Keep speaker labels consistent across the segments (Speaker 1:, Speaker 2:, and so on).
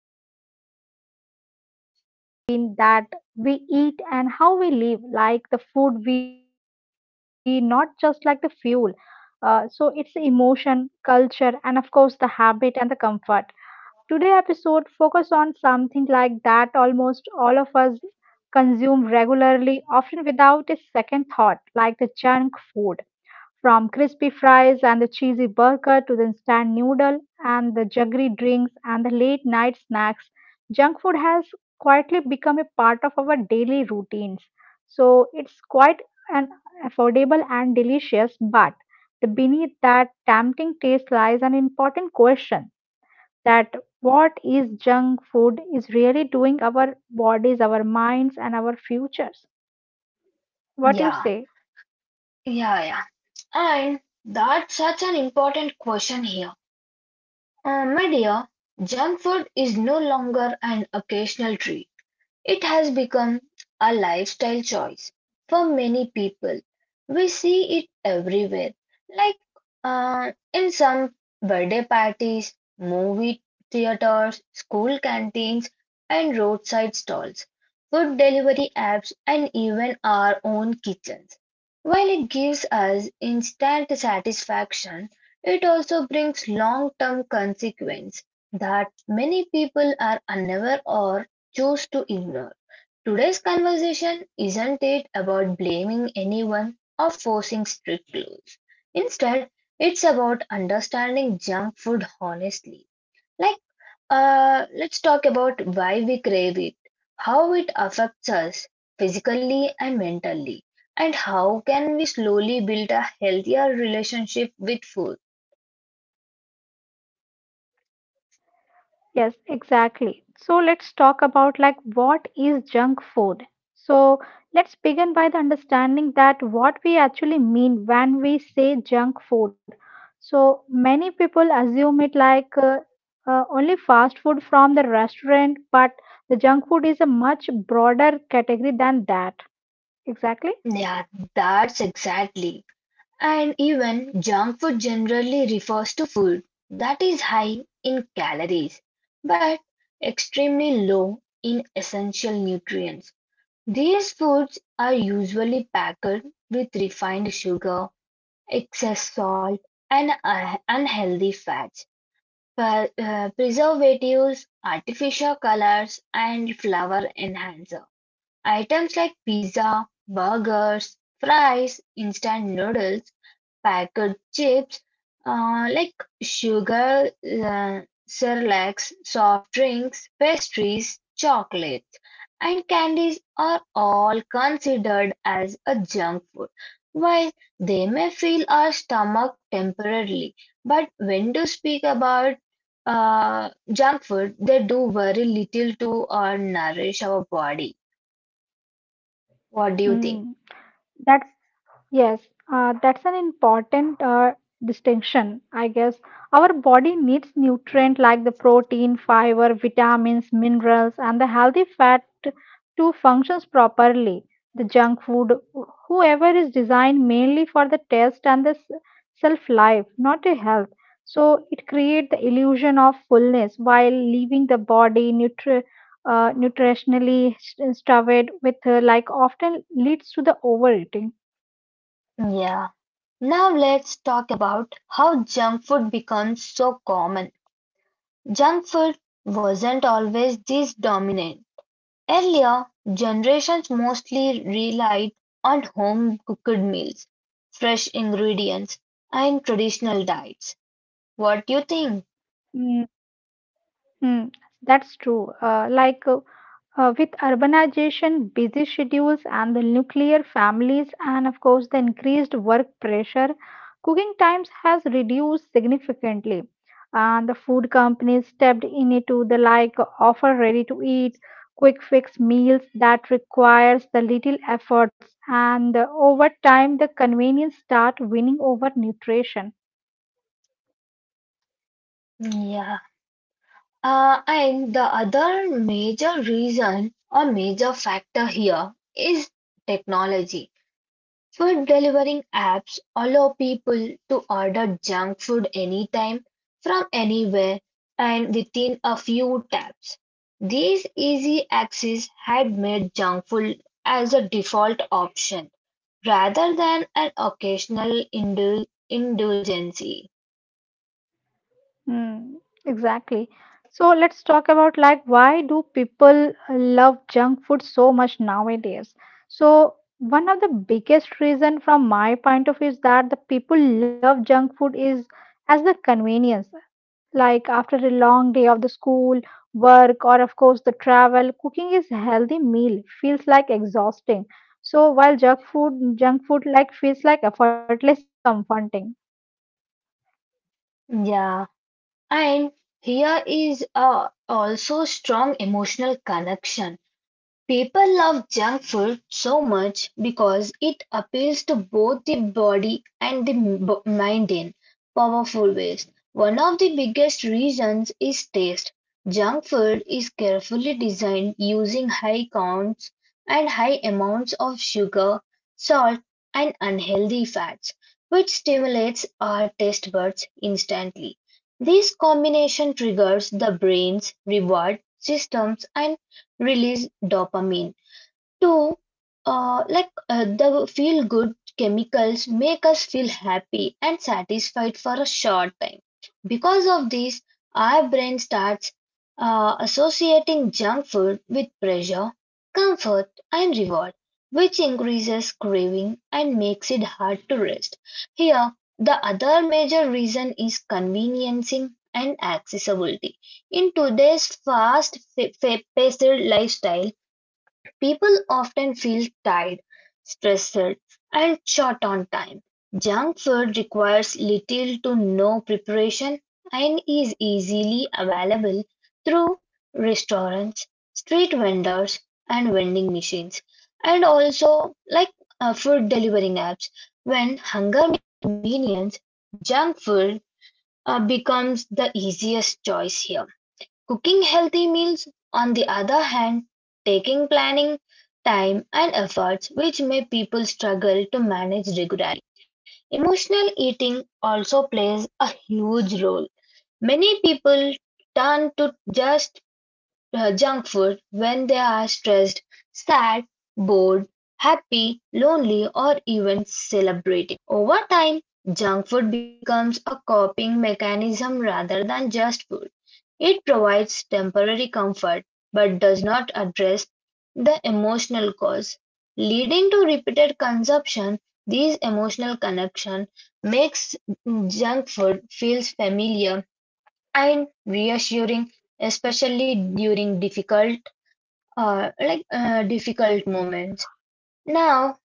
Speaker 1: powerful connections between that we eat and how we live, like the food we, not just like the fuel. So, it's the emotion, culture, and of course, the habit and the comfort. Today episode focus on something like that almost all of us consume regularly, often without a second thought, like the junk food from crispy fries and the cheesy burger to the instant noodle and the jaggery drinks and the late night snacks, junk food has quietly become a part of our daily routines. So it's quite an affordable and delicious, but the beneath that tempting taste lies an important question that what is junk food is really doing our bodies, our minds and our futures. What do you
Speaker 2: Yeah,
Speaker 1: say?
Speaker 2: yeah. And that's such an important question here. My dear, junk food is no longer an occasional treat. It has become a lifestyle choice for many people. We see it everywhere, like in some birthday parties, movie theaters, school canteens, and roadside stalls, food delivery apps, and even our own kitchens. While it gives us instant satisfaction, it also brings long term consequences that many people are unaware or chose to ignore. Today's conversation isn't it about blaming anyone or forcing strict rules. Instead, it's about understanding junk food honestly. Like, let's talk about why we crave it, how it affects us physically and mentally, and how can we slowly build a healthier relationship with food.
Speaker 1: Yes, exactly. So let's talk about like what is junk food. So let's begin by the understanding that what we actually mean when we say junk food. So many people assume it like only fast food from the restaurant, but the junk food is a much broader category than that. Exactly.
Speaker 2: Yeah, that's exactly. And even junk food generally refers to food that is high in calories but extremely low in essential nutrients. These foods are usually packed with refined sugar, excess salt, and unhealthy fats, preservatives, artificial colors, and flavor enhancer. Items like pizza, burgers, fries, instant noodles, packet chips uh, like sugar, uh, cerelacs, soft drinks, pastries, chocolates, and candies are all considered as a junk food. While they may fill our stomach temporarily, but when to speak about junk food, they do very little to nourish our body. What do you think?
Speaker 1: Mm. That's Yes, that's an important distinction, I guess. Our body needs nutrient like the protein, fiber, vitamins, minerals, and the healthy fat to functions properly. The junk food, whoever is designed mainly for the taste and the self life, not a health. So it creates the illusion of fullness while leaving the body nutritionally starved with like often leads to the overeating.
Speaker 2: Yeah. Now let's talk about how junk food becomes so common. Junk food wasn't always this dominant. Earlier, generations mostly relied on home cooked meals, fresh ingredients, and traditional diets. What do you think?
Speaker 1: Hmm. Mm, that's true. With urbanization, busy schedules, and the nuclear families, and of course, the increased work pressure, cooking times has reduced significantly. And the food companies stepped in it to the like offer ready to eat, quick fix meals that requires the little efforts. And over time, the convenience start winning over nutrition.
Speaker 2: Yeah. And the other major reason or major factor here is technology. Food delivering apps allow people to order junk food anytime, from anywhere, and within a few taps. This easy access had made junk food as a default option rather than an occasional indulgence.
Speaker 1: Mm, exactly. So let's talk about like why do people love junk food so much nowadays? So one of the biggest reason from my point of view is that the people love junk food is as the convenience. Like after a long day of the school, work, or of course the travel, cooking is healthy meal feels like exhausting. So while junk food like feels like effortless and comforting.
Speaker 2: Yeah, and here is also strong emotional connection. People love junk food so much because it appeals to both the body and the mind in powerful ways. One of the biggest reasons is taste. Junk food is carefully designed using high counts and high amounts of sugar, salt, and unhealthy fats, which stimulates our taste buds instantly. This combination triggers the brain's reward systems and release dopamine to the feel good chemicals make us feel happy and satisfied for a short time. Because of this, our brain starts associating junk food with pleasure, comfort, and reward, which increases craving and makes it hard to rest here. The other major reason is conveniencing and accessibility in today's fast paced lifestyle. People often feel tired, stressed, and short on time. Junk food requires little to no preparation and is easily available through restaurants, street vendors, and vending machines, and also food delivering apps. When hunger meets convenience, junk food becomes the easiest choice here. Cooking healthy meals, on the other hand, taking planning, time, and efforts, which may people struggle to manage regularly. Emotional eating also plays a huge role. Many people turn to just junk food when they are stressed, sad, bored, happy, lonely, or even celebrating. Over time, junk food becomes a coping mechanism rather than just food. It provides temporary comfort but does not address the emotional cause, leading to repeated consumption. This emotional connection makes junk food feels familiar and reassuring, especially during difficult moments. Now,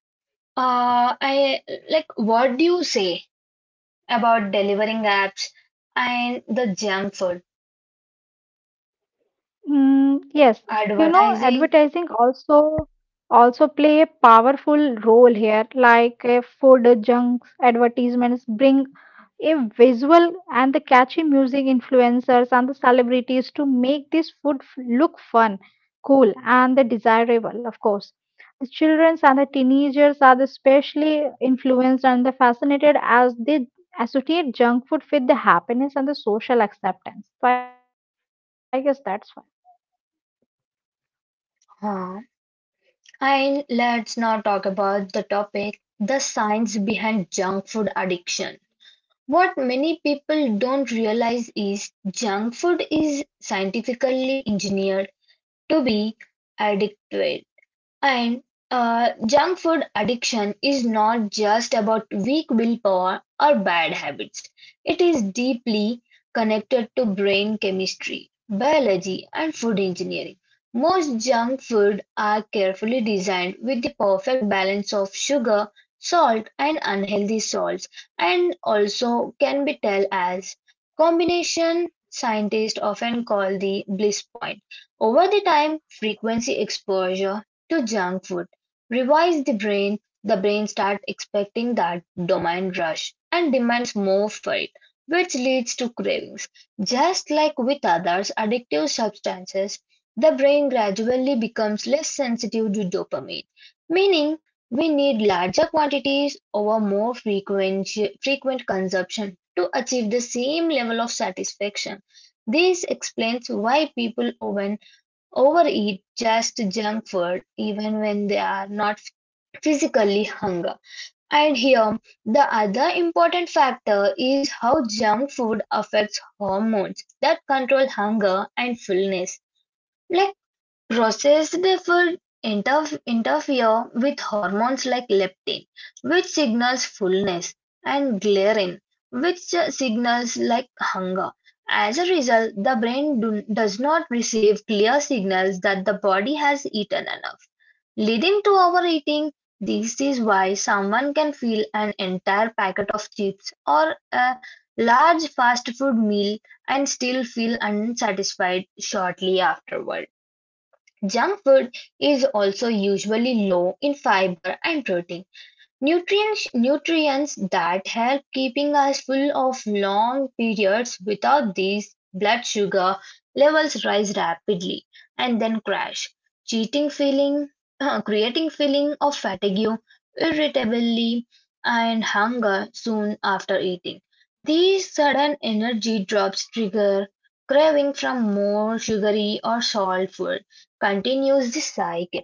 Speaker 2: I like what do you say about delivering apps and the junk food
Speaker 1: Mm, yes, you know,
Speaker 2: advertising?
Speaker 1: advertising also play a powerful role here. Like food junks advertisements bring a visual and the catchy music influencers and the celebrities to make this food look fun, cool, and the desirable, of course. The childrens and the teenagers are especially influenced and the fascinated as they associate junk food with the happiness and the social acceptance. So I guess that's why.
Speaker 2: Huh. And let's not talk about the topic, the science behind junk food addiction. What many people don't realize is junk food is scientifically engineered to be addictive. And Junk food addiction is not just about weak willpower or bad habits, it is deeply connected to brain chemistry, biology, and food engineering. Most junk food are carefully designed with the perfect balance of sugar, salt, and unhealthy salts, and also can be tell as combination scientists often call the bliss point. Over the time, frequency exposure to junk food revise the brain. The brain starts expecting that dopamine rush and demands more for it, which leads to cravings. Just like with other addictive substances, the brain gradually becomes less sensitive to dopamine, meaning we need larger quantities over frequent consumption to achieve the same level of satisfaction. This explains why people often overeat just junk food even when they are not physically hungry. And here, the other important factor is how junk food affects hormones that control hunger and fullness. Like processed food interfere with hormones like leptin, which signals fullness, and ghrelin, which signals like hunger. As a result, the brain does not receive clear signals that the body has eaten enough, leading to overeating. This is why someone can feel an entire packet of chips or a large fast food meal and still feel unsatisfied shortly afterward. Junk food is also usually low in fiber and protein. Nutrients that help keeping us full of long periods, without these blood sugar levels rise rapidly and then crash, cheating feeling, creating feeling of fatigue, irritability, and hunger soon after eating. These sudden energy drops trigger craving from more sugary or salt food, continues the cycle.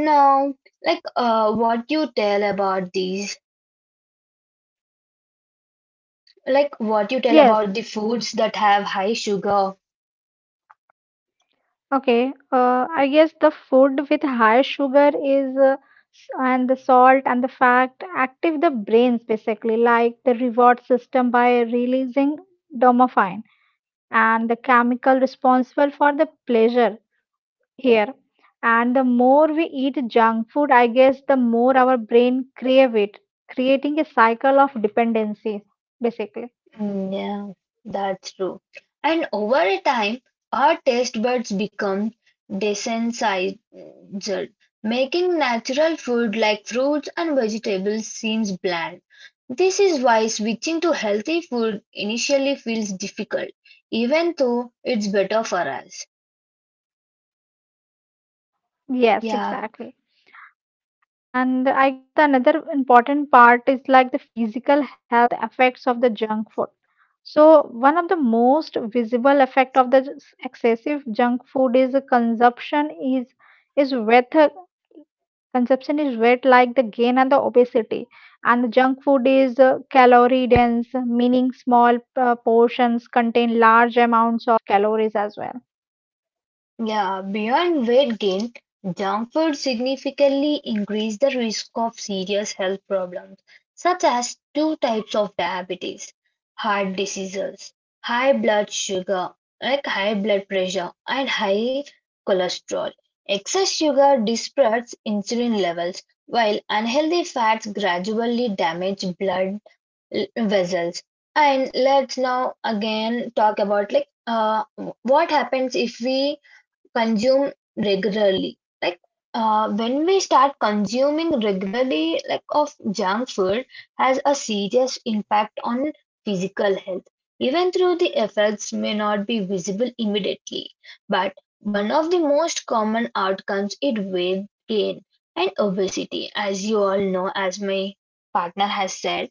Speaker 2: No, like what you tell about these, Like
Speaker 1: Mm,
Speaker 2: what you tell about
Speaker 1: yes,
Speaker 2: the foods that have high sugar.
Speaker 1: okay. I guess the food with high sugar is and the salt and the fat active the brains basically, like the reward system by releasing dopamine and the chemical responsible for the pleasure here. And the more we eat junk food, I guess the more our brain crave it, creating a cycle of dependency basically.
Speaker 2: Mm, yeah, that's true. And over a time, our taste buds become desensitized, making natural food like fruits and vegetables seems bland. This is why switching to healthy food initially feels difficult, even though it's better for us.
Speaker 1: Yes,
Speaker 2: Yeah.
Speaker 1: exactly. And I guess the another important part is like the physical health effects of the junk food. So one of the most visible effect of the excessive junk food is the consumption is is weight uh, consumption is weight like the gain and the obesity and the junk food is calorie dense meaning small portions contain large amounts of calories as well.
Speaker 2: Yeah, beyond weight gain, junk food significantly increase the risk of serious health problems such as two types of diabetes, heart diseases, high blood sugar, like high blood pressure and high cholesterol. Excess sugar disparates insulin levels, while unhealthy fats gradually damage vessels. And let's now again talk about what happens if we consume regularly. When we start consuming regularly, like of junk food, has a serious impact on physical health. Even though the effects may not be visible immediately, but one of the most common outcomes is weight gain and obesity, as you all know, as my partner has said.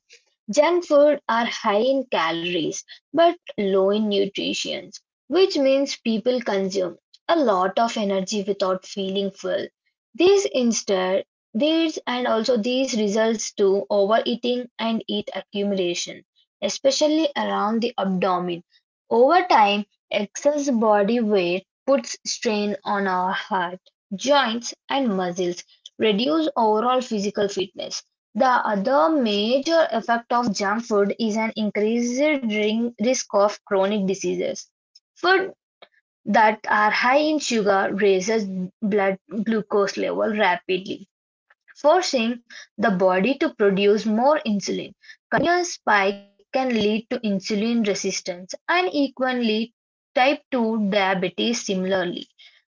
Speaker 2: Junk food are high in calories but low in nutrition, which means people consume a lot of energy without feeling full. This instead these and also these results to overeating and heat accumulation, especially around the abdomen. Over time, excess body weight puts strain on our heart, joints, and muscles, reduce overall physical fitness. The other major effect of junk food is an increased risk of chronic diseases. Food that are high in sugar raises blood glucose level rapidly, forcing the body to produce more insulin. Insulin spike can lead to insulin resistance and equally type 2 diabetes similarly.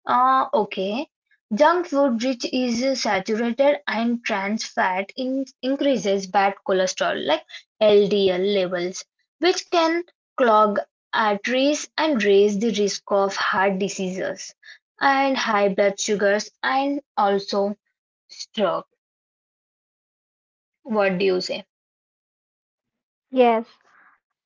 Speaker 2: Ah, okay. Junk food rich is saturated and trans fat in increases bad cholesterol like LDL levels, which can clog arteries and raise the risk of heart diseases and high blood sugars and also stroke. What do you say?
Speaker 1: Yes.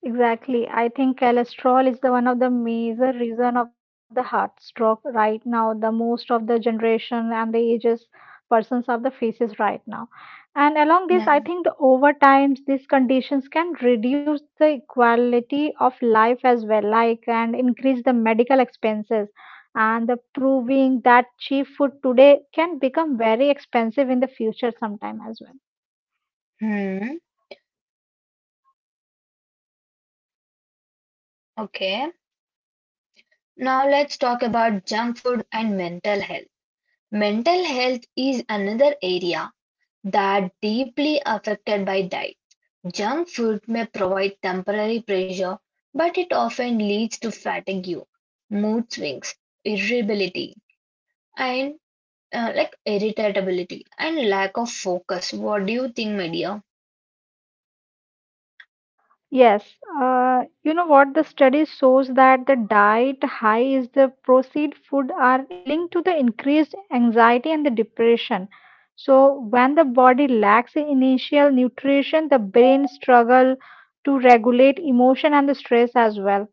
Speaker 1: Exactly. I think cholesterol is the one of the major reason of the heart stroke right now. The most of the generation and the ages persons of the faces right now. And along this, I
Speaker 2: Yeah.
Speaker 1: think the over times these conditions can reduce the quality of life as well, like and increase the medical expenses. And the proving that cheap food today can become very expensive in the future sometime as well.
Speaker 2: Hmm. Okay. Now let's talk about junk food and mental health. Mental health is another area that deeply affected by diet. Junk food may provide temporary pleasure, but it often leads to fatigue, mood swings, irritability, and irritability and lack of focus. What do you think, my dear?
Speaker 1: Yes, you know what? The study shows that the diet high is the processed food are linked to the increased anxiety and the depression. So when the body lacks the initial nutrition, the brain struggle to regulate emotion and the stress as well.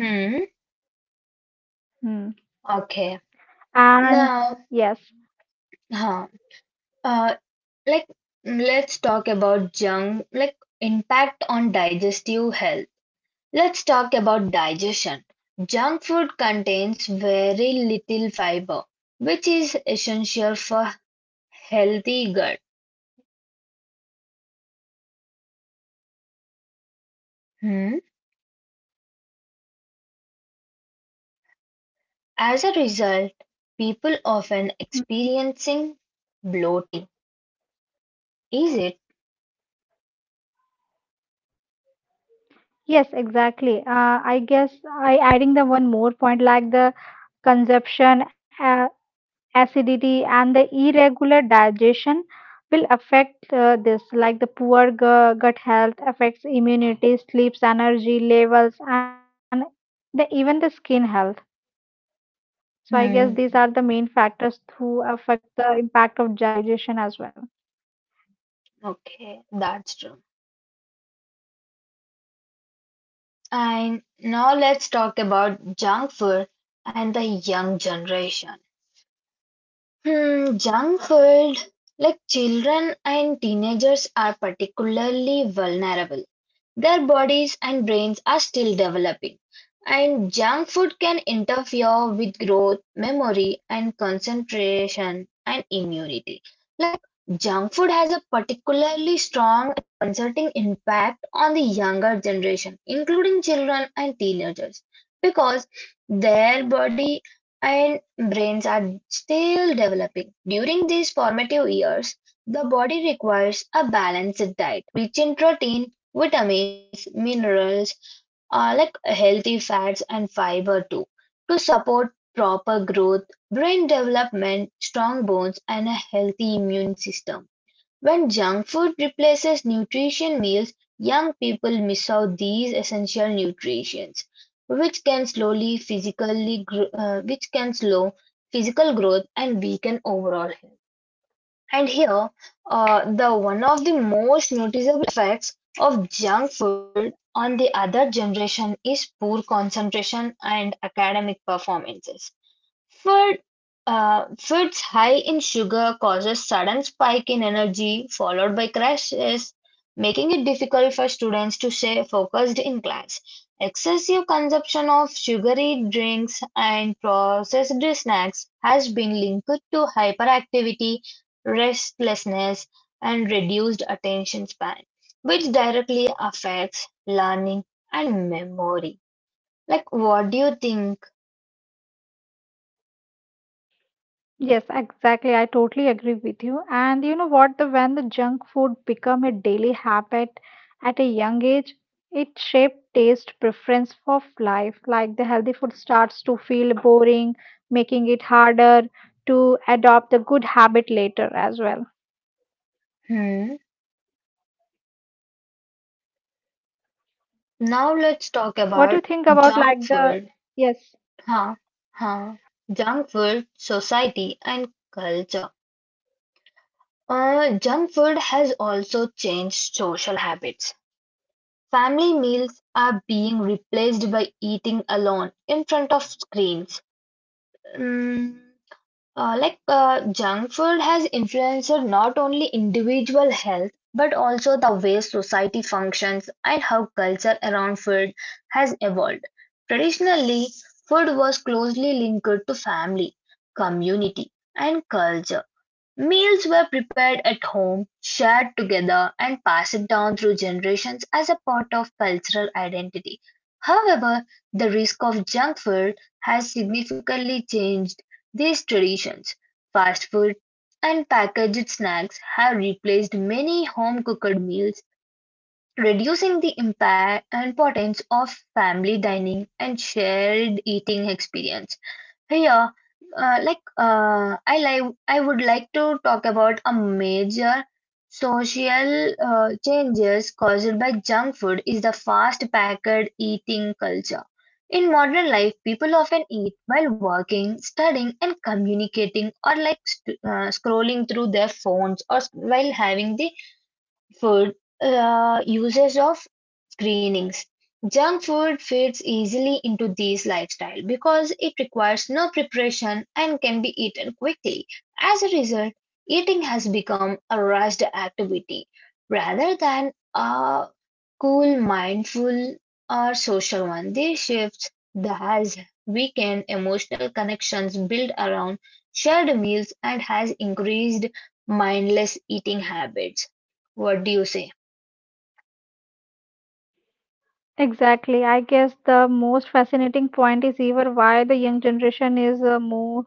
Speaker 2: Hmm.
Speaker 1: Hmm.
Speaker 2: Okay.
Speaker 1: And
Speaker 2: Now,
Speaker 1: yes,
Speaker 2: huh. Uh, like Let's talk about junk like impact on digestive health. Let's talk about digestion. Junk food contains very little fiber, which is essential for healthy gut. Hmm? As a result,
Speaker 1: okay.
Speaker 2: people often
Speaker 1: Mm,
Speaker 2: experiencing bloating. Is it?
Speaker 1: yes, exactly. I guess I adding the one more point like the consumption acidity and the irregular digestion will affect this like the poor gut health affects immunity sleeps energy levels and the, even the skin health. So I
Speaker 2: Hmm.
Speaker 1: guess these are the main factors to affect the impact of digestion as well.
Speaker 2: Okay, that's true. And now let's talk about junk food and the young generation. Hmm, junk food, like children and teenagers, are particularly vulnerable. Their bodies and brains are still developing, and junk food can interfere with growth, memory, and concentration and immunity. Like junk food has a particularly strong and concerning impact on the younger generation, including children and teenagers, because their body and brains are still developing. During these formative years, the body requires a balanced diet rich in protein, vitamins, minerals, healthy fats and fiber too, to support proper growth, brain development, strong bones, and a healthy immune system. When junk food replaces nutrition meals, young people miss out these essential nutrients, which can which can slow physical growth and weaken overall health. And here, the one of the most noticeable effects of junk food on the other generation is poor concentration and academic performances. Food, Foods high in sugar causes sudden spike in energy followed by crashes, making it difficult for students to stay focused in class. Excessive consumption of sugary drinks and processed snacks has been linked to hyperactivity, restlessness, and reduced attention span, which directly affects learning and memory. Like, what do you think?
Speaker 1: Yes, exactly. I totally agree with you. And you know what? The when the junk food become a daily habit at a young age, it shaped taste preference for life. Like the healthy food starts to feel boring, making it harder to adopt the good habit later as well.
Speaker 2: Hmm. Now let's talk
Speaker 1: What do you
Speaker 2: about
Speaker 1: think about like
Speaker 2: junk
Speaker 1: the
Speaker 2: food,
Speaker 1: yes,
Speaker 2: huh? Huh? Junk food, society, and culture. Junk food has also changed social habits. Family meals are being replaced by eating alone in front of screens. Mm, Junk food has influenced not only individual health but also the way society functions and how culture around food has evolved. Traditionally, food was closely linked to family, community, and culture. Meals were prepared at home, shared together, and passed down through generations as a part of cultural identity. However, the risk of junk food has significantly changed these traditions. Fast food and packaged snacks have replaced many home cooked meals, reducing the impact importance of family dining and shared eating experience. Hey, like I like I would like to talk about a major social changes caused by junk food is the fast packed eating culture. In modern life, people often eat while working, studying, and communicating, or like scrolling through their phones, or while having the food uses of screenings. Junk food fits easily into this lifestyle because it requires no preparation and can be eaten quickly. As a result, eating has become a rushed activity rather than a cool, mindful, or social one. This shifts has weakened emotional connections built around shared meals and has increased mindless eating habits. What do you say?
Speaker 1: exactly. I guess the most fascinating point is even why the young generation is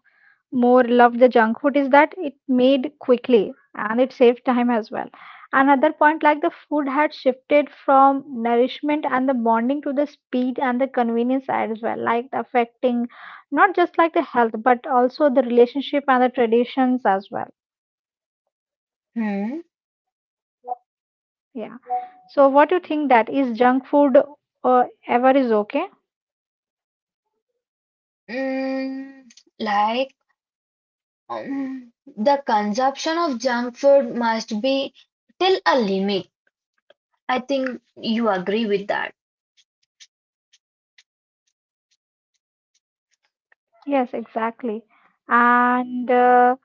Speaker 1: more loved the junk food is that it made quickly and it saved time as well. Another point, like the food had shifted from nourishment and the bonding to the speed and the convenience as well, like affecting not just like the health but also the relationship and the traditions as well.
Speaker 2: Hmm.
Speaker 1: Yeah. So, what do you think that is junk food ever is okay?
Speaker 2: Mm, like um, the consumption of junk food must be till a limit. I think you agree with that.
Speaker 1: Yes, exactly. And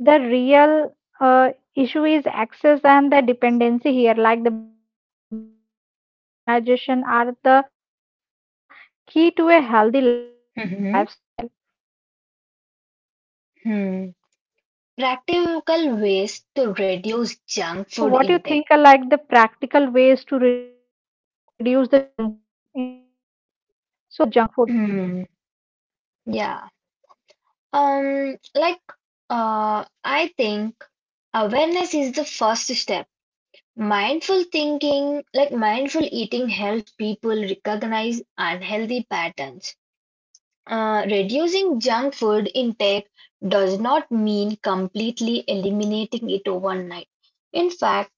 Speaker 1: the real issue is access and the dependency here, like the balance and the modernization are the key to a healthy lifestyle.
Speaker 2: Hmm. Hmm. Practical ways to
Speaker 1: So, what
Speaker 2: reduce
Speaker 1: do you
Speaker 2: junk
Speaker 1: think are
Speaker 2: food
Speaker 1: like
Speaker 2: intake.
Speaker 1: the practical ways to reduce the junk food intake?
Speaker 2: Hmm. Yeah. Um, like I think awareness is the first step. Mindful thinking, like mindful eating, helps people recognize unhealthy patterns. Reducing junk food intake does not mean completely eliminating it overnight. In fact,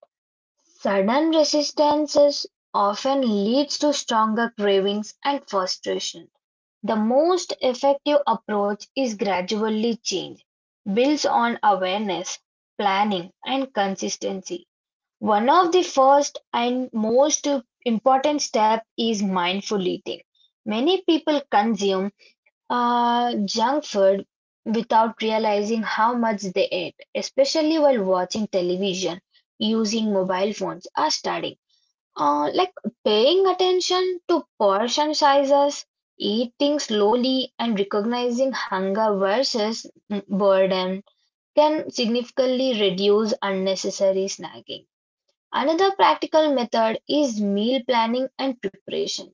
Speaker 2: sudden resistances often leads to stronger cravings and frustration. The most effective approach is gradually change, builds on awareness, planning, and consistency. One of the first and most important step is mindful eating. Many people consume junk food without realizing how much they ate, especially while watching television, using mobile phones, are studying. Uh, like Paying attention to portion sizes, eating slowly, and recognizing hunger versus burden can significantly reduce unnecessary snacking. Another practical method is meal planning and preparation.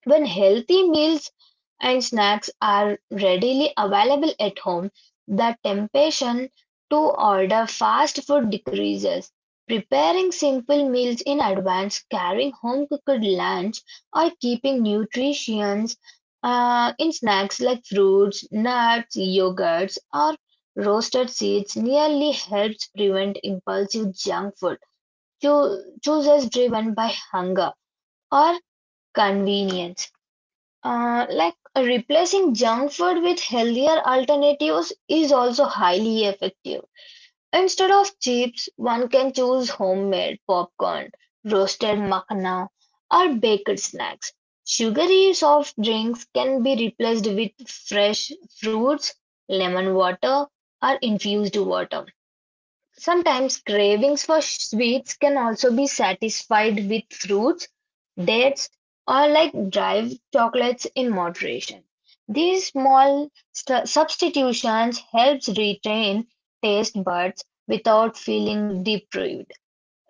Speaker 2: When healthy meals and snacks are readily available at home, the temptation to order fast food decreases. Preparing simple meals in advance, carrying home cooked lunch, or keeping nutrients in snacks like fruits, nuts, yogurts, or roasted seeds nearly helps prevent impulsive junk food choices driven by hunger or convenience. Replacing junk food with healthier alternatives is also highly effective. Instead of chips, one can choose homemade popcorn, roasted makhana, or baked snacks. Sugary soft drinks can be replaced with fresh fruits, lemon water, or infused water. Sometimes cravings for sweets can also be satisfied with fruits, dates, or like dried chocolates in moderation. These small substitutions helps retain taste buds without feeling deprived.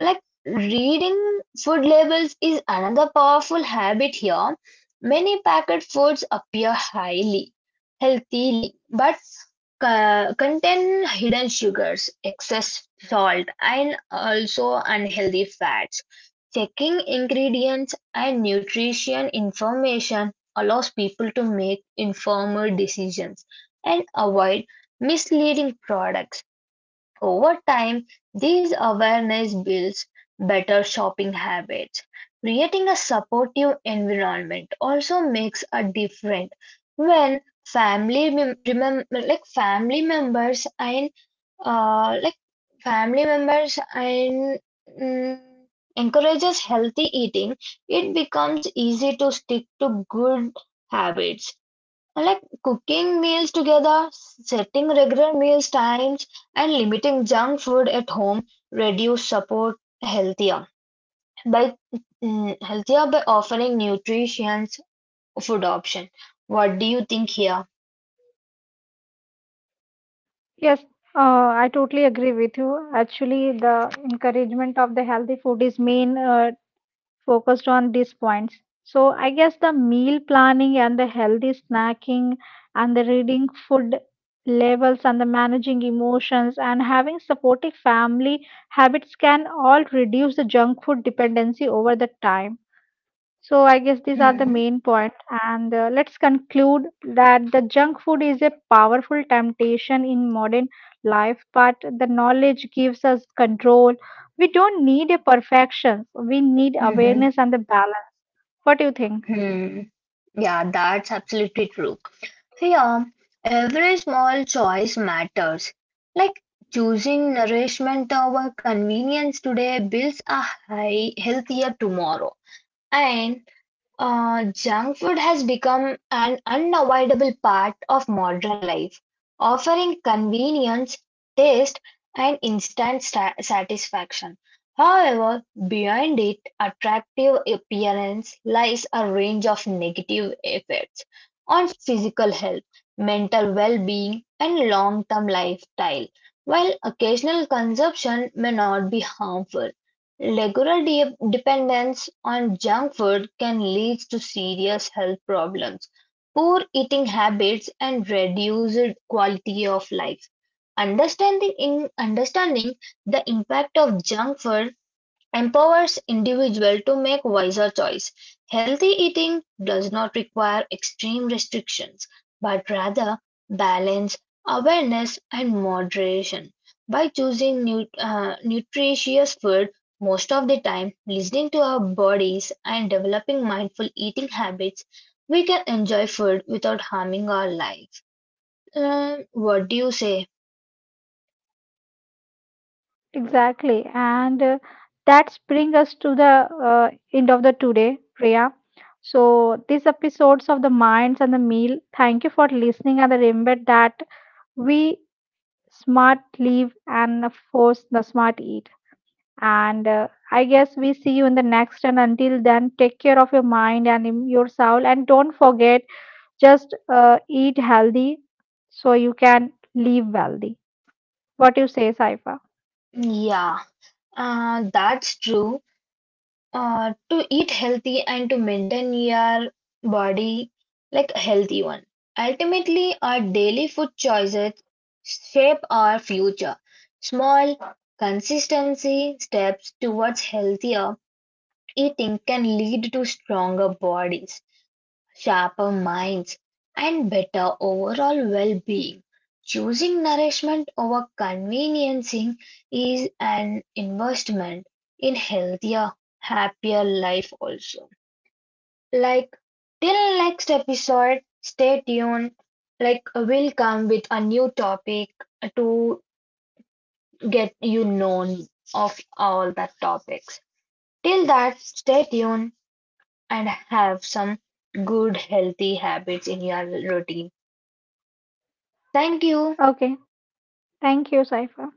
Speaker 2: Like reading food labels is another powerful habit here. Many packet foods appear highly healthily, but contain hidden sugars, excess salt, and also unhealthy fats. Checking ingredients and nutrition information allows people to make informed decisions and avoid misleading products. Over time, this awareness builds better shopping habits. Creating a supportive environment also makes a difference when family members and uh, like family members and mm, encourages healthy eating. It becomes easy to stick to good habits. I like cooking meals together, setting regular meals times, and limiting junk food at home reduce support healthier by healthier by offering nutritious food option. What do you think here?
Speaker 1: Yes, uh, I totally agree with you. Actually, the encouragement of the healthy food is main focused on these points. So, I guess the meal planning and the healthy snacking and the reading food labels and the managing emotions and having supportive family habits can all reduce the junk food dependency over the time. So I guess these are the
Speaker 2: Hmm.
Speaker 1: main point, and let's conclude that the junk food is a powerful temptation in modern life, but the knowledge gives us control. We don't need a perfection; we need
Speaker 2: Hmm.
Speaker 1: awareness and the balance. What do you think?
Speaker 2: Hmm. Yeah, that's absolutely true. Here, every small choice matters. Like choosing nourishment over convenience today builds a high, healthier tomorrow. And Junk food has become an unavoidable part of modern life, offering convenience, taste, and instant satisfaction. However, behind its attractive appearance lies a range of negative effects on physical health, mental well being, and long term lifestyle. While occasional consumption may not be harmful, regular dependence on junk food can lead to serious health problems, poor eating habits, and reduced quality of life. Understanding in understanding the impact of junk food empowers individual to make wiser choice. Healthy eating does not require extreme restrictions, but rather balance, awareness, and moderation. By choosing nutritious food most of the time, listening to our bodies, and developing mindful eating habits, we can enjoy food without harming our life. What do you say?
Speaker 1: Exactly, and that's bring us to the end of the today, Priya. So these episodes of the minds and the meal. Thank you for listening, and remember that we smart live and of course the smart eat and I guess we see you in the next, and until then take care of your mind and your soul and don't forget just eat healthy so you can live wealthy. What you say, Saifa?
Speaker 2: Yeah, that's true. uh, to eat healthy and to maintain your body like a healthy one. Ultimately, our daily food choices shape our future. Small, consistency steps towards healthier eating can lead to stronger bodies sharper minds, and better overall well being. Choosing nourishment over conveniencing is an investment in healthier, happier life also. Like till next episode, stay tuned. Like we'll come with a new topic to get you known of all the topics. Till that, stay tuned and have some good healthy habits in your routine. Thank you.
Speaker 1: Okay, thank you, Saifa.